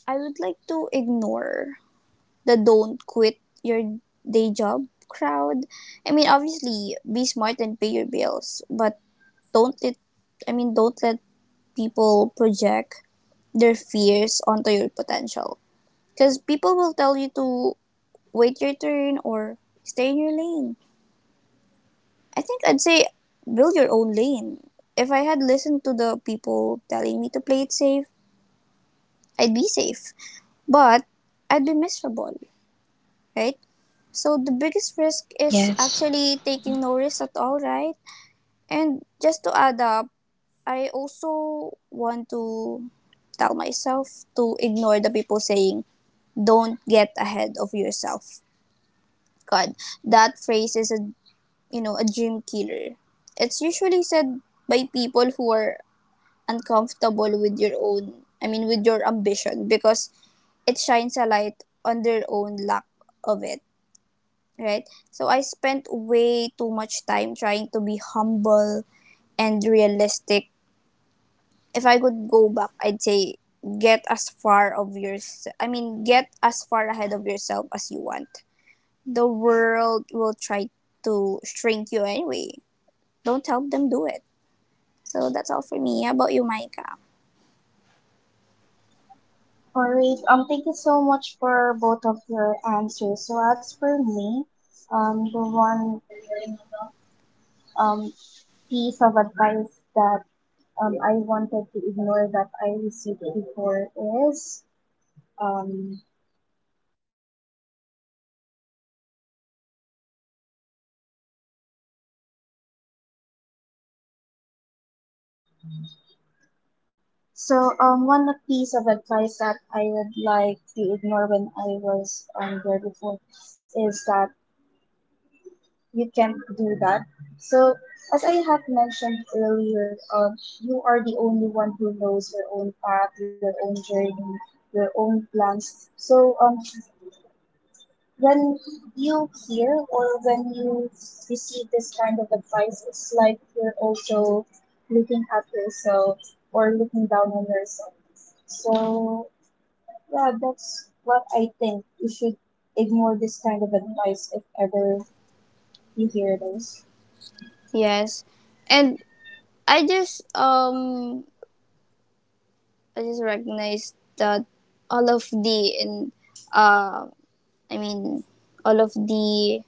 Speaker 2: I would like to ignore the don't quit your day job crowd. I mean, obviously, be smart and pay your bills, but don't let don't let people project their fears onto your potential. Because people will tell you to wait your turn or stay in your lane. I think I'd say build your own lane. If I had listened to the people telling me to play it safe, I'd be safe. But I'd be miserable, right? So the biggest risk is
Speaker 3: Yes.
Speaker 2: actually taking no risk at all, right? And just to add up, I also want to tell myself to ignore the people saying, don't get ahead of yourself. God, that phrase is a you know, a dream killer. It's usually said by people who are uncomfortable with your own, I mean, with your ambition because it shines a light on their own lack of it, right? So I spent way too much time trying to be humble and realistic. If I could go back, I'd say get as far ahead of yourself as you want. The world will try to shrink you anyway. Don't help them do it. So that's all for me. How about you, Micah?
Speaker 1: Alright, thank you so much for both of your answers. So as for me, the one um piece of advice that I wanted to ignore that I received before is um, one piece of advice that I would like to ignore when I was there before is that you can't do that. So as I have mentioned earlier, you are the only one who knows your own path, your own journey, your own plans. So when you hear or when you receive this kind of advice, it's like you're also looking at yourself or looking down on yourself. So, yeah, that's what I think. You should ignore this kind of advice if ever you hear those.
Speaker 2: Yes. And I just um I just recognized that all of the and uh I mean all of the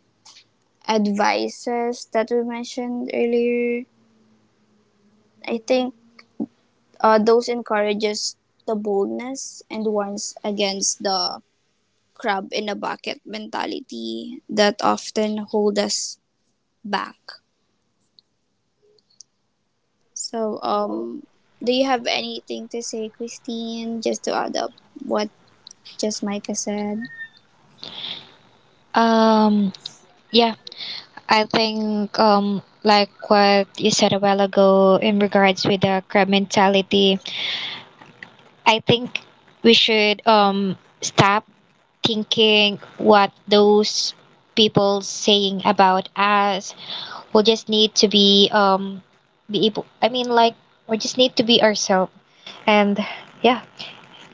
Speaker 2: advices that we mentioned earlier, I think those encourages the boldness and warns against the crab in a bucket mentality that often hold us back. So, do you have anything to say, Christine, just to add up what just Micah said?
Speaker 3: Um, yeah, I think like what you said a while ago in regards with the crab mentality, I think we should stop thinking what those people saying about us. We just need to be able, I mean, like we just need to be ourselves, and yeah,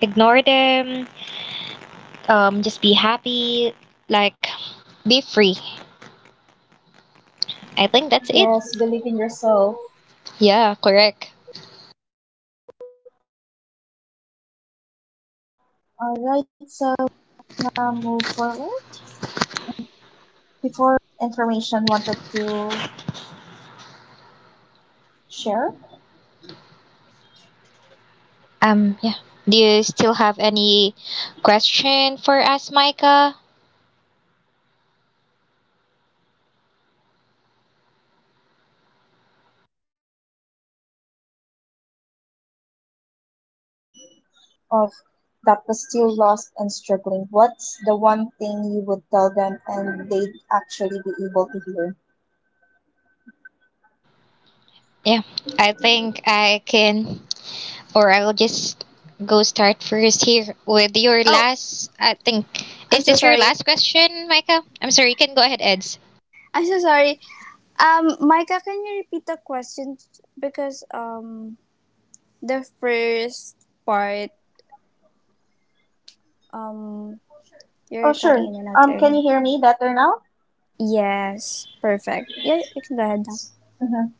Speaker 3: ignore them, just be happy, like be free. I think that's it.
Speaker 1: Alright, so now
Speaker 3: Yeah,
Speaker 1: move forward.
Speaker 3: correct.
Speaker 1: Before we move forward, we have further um, information wanted to share.
Speaker 3: Yeah, do you still have any question for us, Micah?
Speaker 1: Oh, I have one last question here. Um, if you could sit down for coffee with the version of yourself that was still lost and struggling, what's the one thing you would tell them and they'd actually be able to hear?
Speaker 3: Yeah, I think I can, or I'll just go start first here with your
Speaker 2: Oh,
Speaker 3: last, I think.
Speaker 2: I'm
Speaker 3: Is
Speaker 2: so
Speaker 3: this your
Speaker 2: sorry.
Speaker 3: last question, Micah? I'm sorry, you can go ahead, Eds.
Speaker 2: (laughs) I'm so sorry. Micah, can you repeat the question? Because the first part, um, you're
Speaker 1: Oh, sure.
Speaker 2: cutting in and out
Speaker 1: Can you
Speaker 2: earlier.
Speaker 1: hear me better now?
Speaker 2: Yes, perfect. Yeah, you can go ahead now.
Speaker 1: Mhm.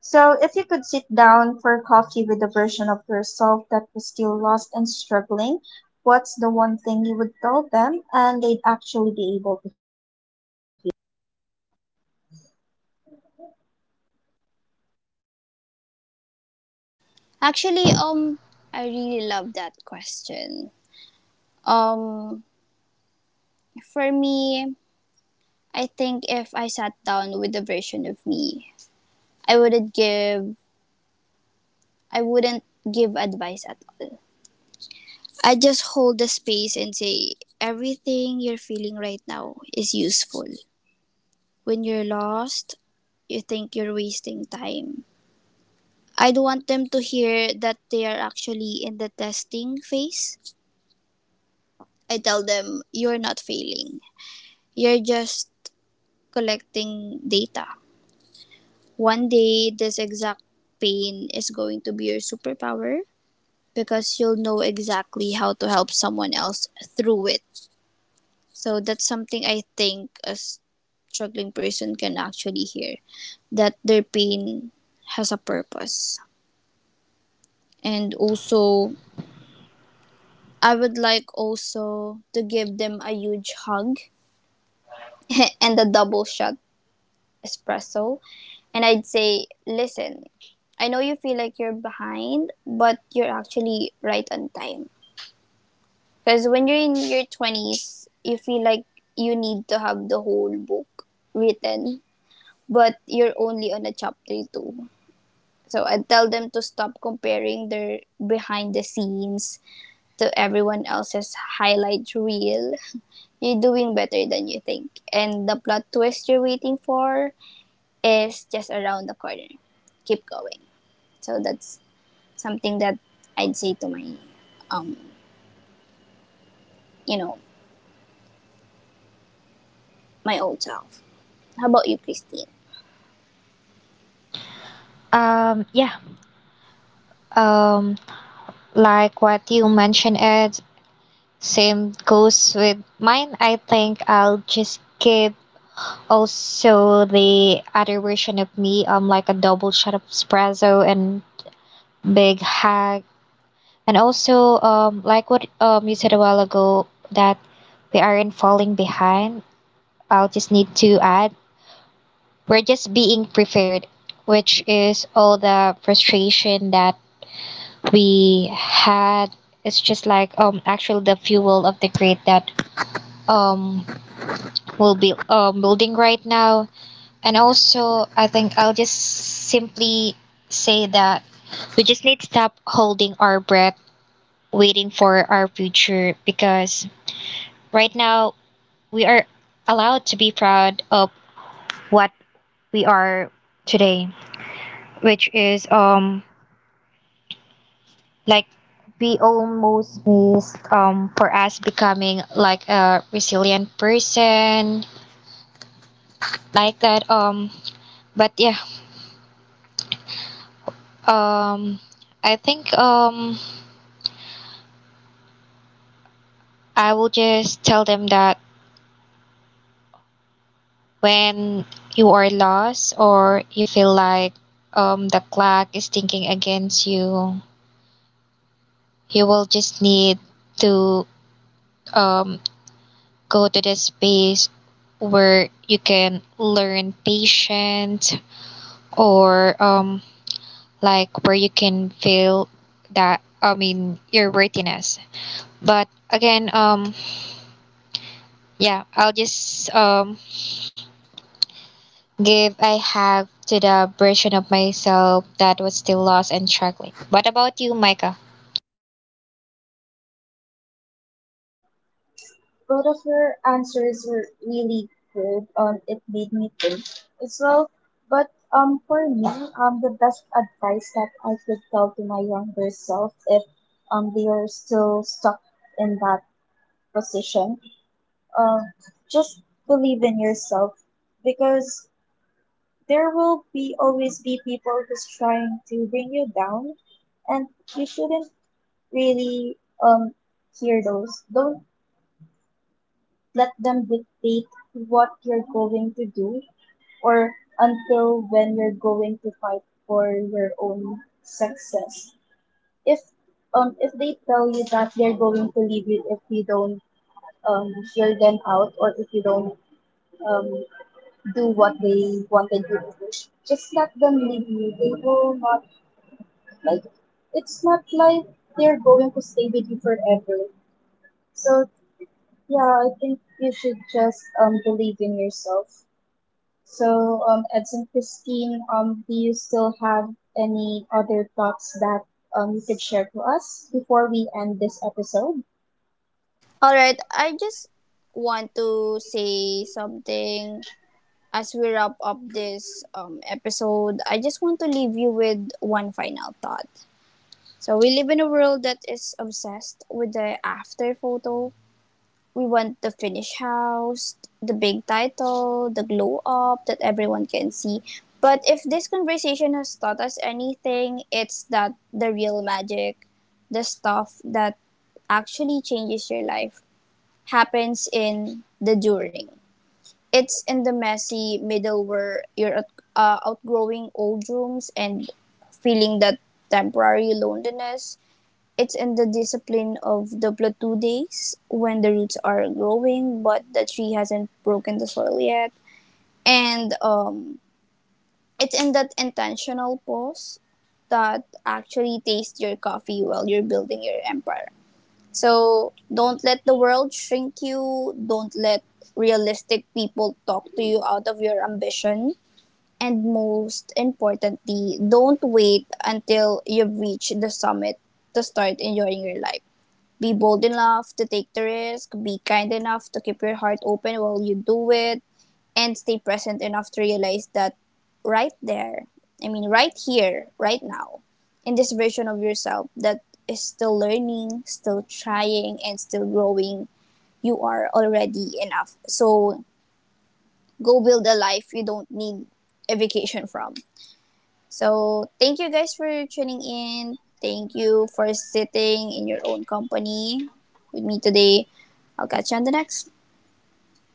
Speaker 1: So, if you could sit down for coffee with the version of yourself that was still lost and struggling, what's the one thing you would tell them and they'd actually be able to
Speaker 2: Actually, I really love that question. Um, for me, I think if I sat down with the version of me I wouldn't give I wouldn't give advice at all. I just hold the space and say everything you're feeling right now is useful. When you're lost, you think you're wasting time. I'd want them to hear that they are actually in the testing phase. I tell them you're not failing. You're just collecting data. One day this exact pain is going to be your superpower because you'll know exactly how to help someone else through it. So that's something I think a struggling person can actually hear that their pain has a purpose. And also, I would like also to give them a huge hug (laughs) and a double shot espresso. And I'd say, listen, I know you feel like you're behind, but you're actually right on time. Because when you're in your 20s, you feel like you need to have the whole book written, but you're only on a chapter two. So I tell them to stop comparing their behind the scenes to everyone else's highlight reel. You're doing better than you think. And the plot twist you're waiting for is just around the corner. Keep going. So that's something that I'd say to my um, you know, my old self. How about you, Christine?
Speaker 3: yeah, um like what you mentioned, Ed, same goes with mine. I think I'll just keep also the other version of me, like a double shot of espresso and big hug. And also, like what you said a while ago, that we aren't falling behind. I'll just need to add, we're just being prepared, which is all the frustration that we had. It's just like actually the fuel of the grid that um we'll be building right now. And also, I think I'll just simply say that we just need to stop holding our breath, waiting for our future, because right now we are allowed to be proud of what we are today, which is like we almost missed for us becoming like a resilient person like that, but yeah, um I think I will just tell them that when you are lost or you feel like the clock is thinking against you, you will just need to um, go to the space where you can learn patience, or like where you can feel that, I mean, your worthiness. But again, yeah, I'll just give I have to the version of myself that was still lost and struggling. What about you, Micah?
Speaker 1: Both of her answers were really good. It made me think as well. But for me, the best advice that I could tell to my younger self, if they are still stuck in that position, um, just believe in yourself because there will be always be people who's trying to bring you down, and you shouldn't really hear those. Don't Let them dictate what you're going to do or until when you're going to fight for your own success. If if they tell you that they're going to leave you if you don't hear them out or if you don't um do what they wanted you to do, just let them leave you. They will not like it's not like they're going to stay with you forever. So yeah, I think you should just believe in yourself. So, Edson Christine, do you still have any other thoughts that you could share to us before we end this episode?
Speaker 2: All right, I just want to say something as we wrap up this episode. I just want to leave you with one final thought. So, we live in a world that is obsessed with the after photo. We want the finished house, the big title, the glow up that everyone can see. But if this conversation has taught us anything, it's that the real magic, the stuff that actually changes your life happens in the during. It's in the messy middle where you're outgrowing old rooms and feeling that temporary loneliness. It's in the discipline of the plateau days when the roots are growing but the tree hasn't broken the soil yet. And It's in that intentional pause that actually tastes your coffee while you're building your empire. So don't let the world shrink you. Don't let realistic people talk to you out of your ambition. And most importantly, don't wait until you've reached the summit to start enjoying your life. Be bold enough to take the risk. Be kind enough to keep your heart open while you do it and stay present enough to realize that right there, right here, right now, in this version of yourself that is still learning, still trying, and still growing, you are already enough. So go build a life you don't need a vacation from. So thank you guys for tuning in. Thank you for sitting in your own company with me today. I'll catch you on the next.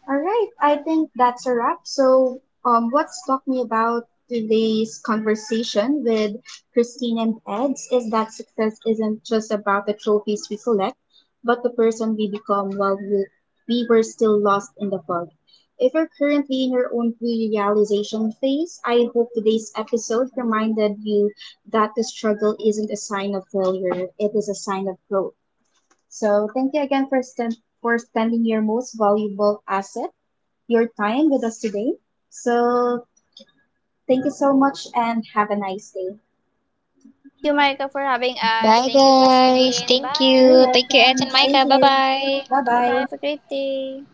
Speaker 1: All right, I think that's a wrap. So, what struck me about today's conversation with Christine and Eds is that success isn't just about the trophies we collect, but the person we become while we were still lost in the fog. If you're currently in your own realization phase, I hope today's episode reminded you that the struggle isn't a sign of failure, it is a sign of growth. So, thank you again for, for spending your most valuable asset your time with us today. So, thank you so much and have a nice day.
Speaker 2: Thank you, Micah, for having us.
Speaker 3: Bye,
Speaker 2: Thank you,
Speaker 3: guys.
Speaker 2: Christine.
Speaker 3: Thank
Speaker 1: You're
Speaker 3: you.
Speaker 2: Bye.
Speaker 3: Thank you, Ed
Speaker 1: welcome.
Speaker 3: and
Speaker 1: Thank
Speaker 3: Micah. Bye
Speaker 1: you.
Speaker 3: bye.
Speaker 1: Bye
Speaker 2: Bye bye.
Speaker 1: bye.
Speaker 2: Have a great day.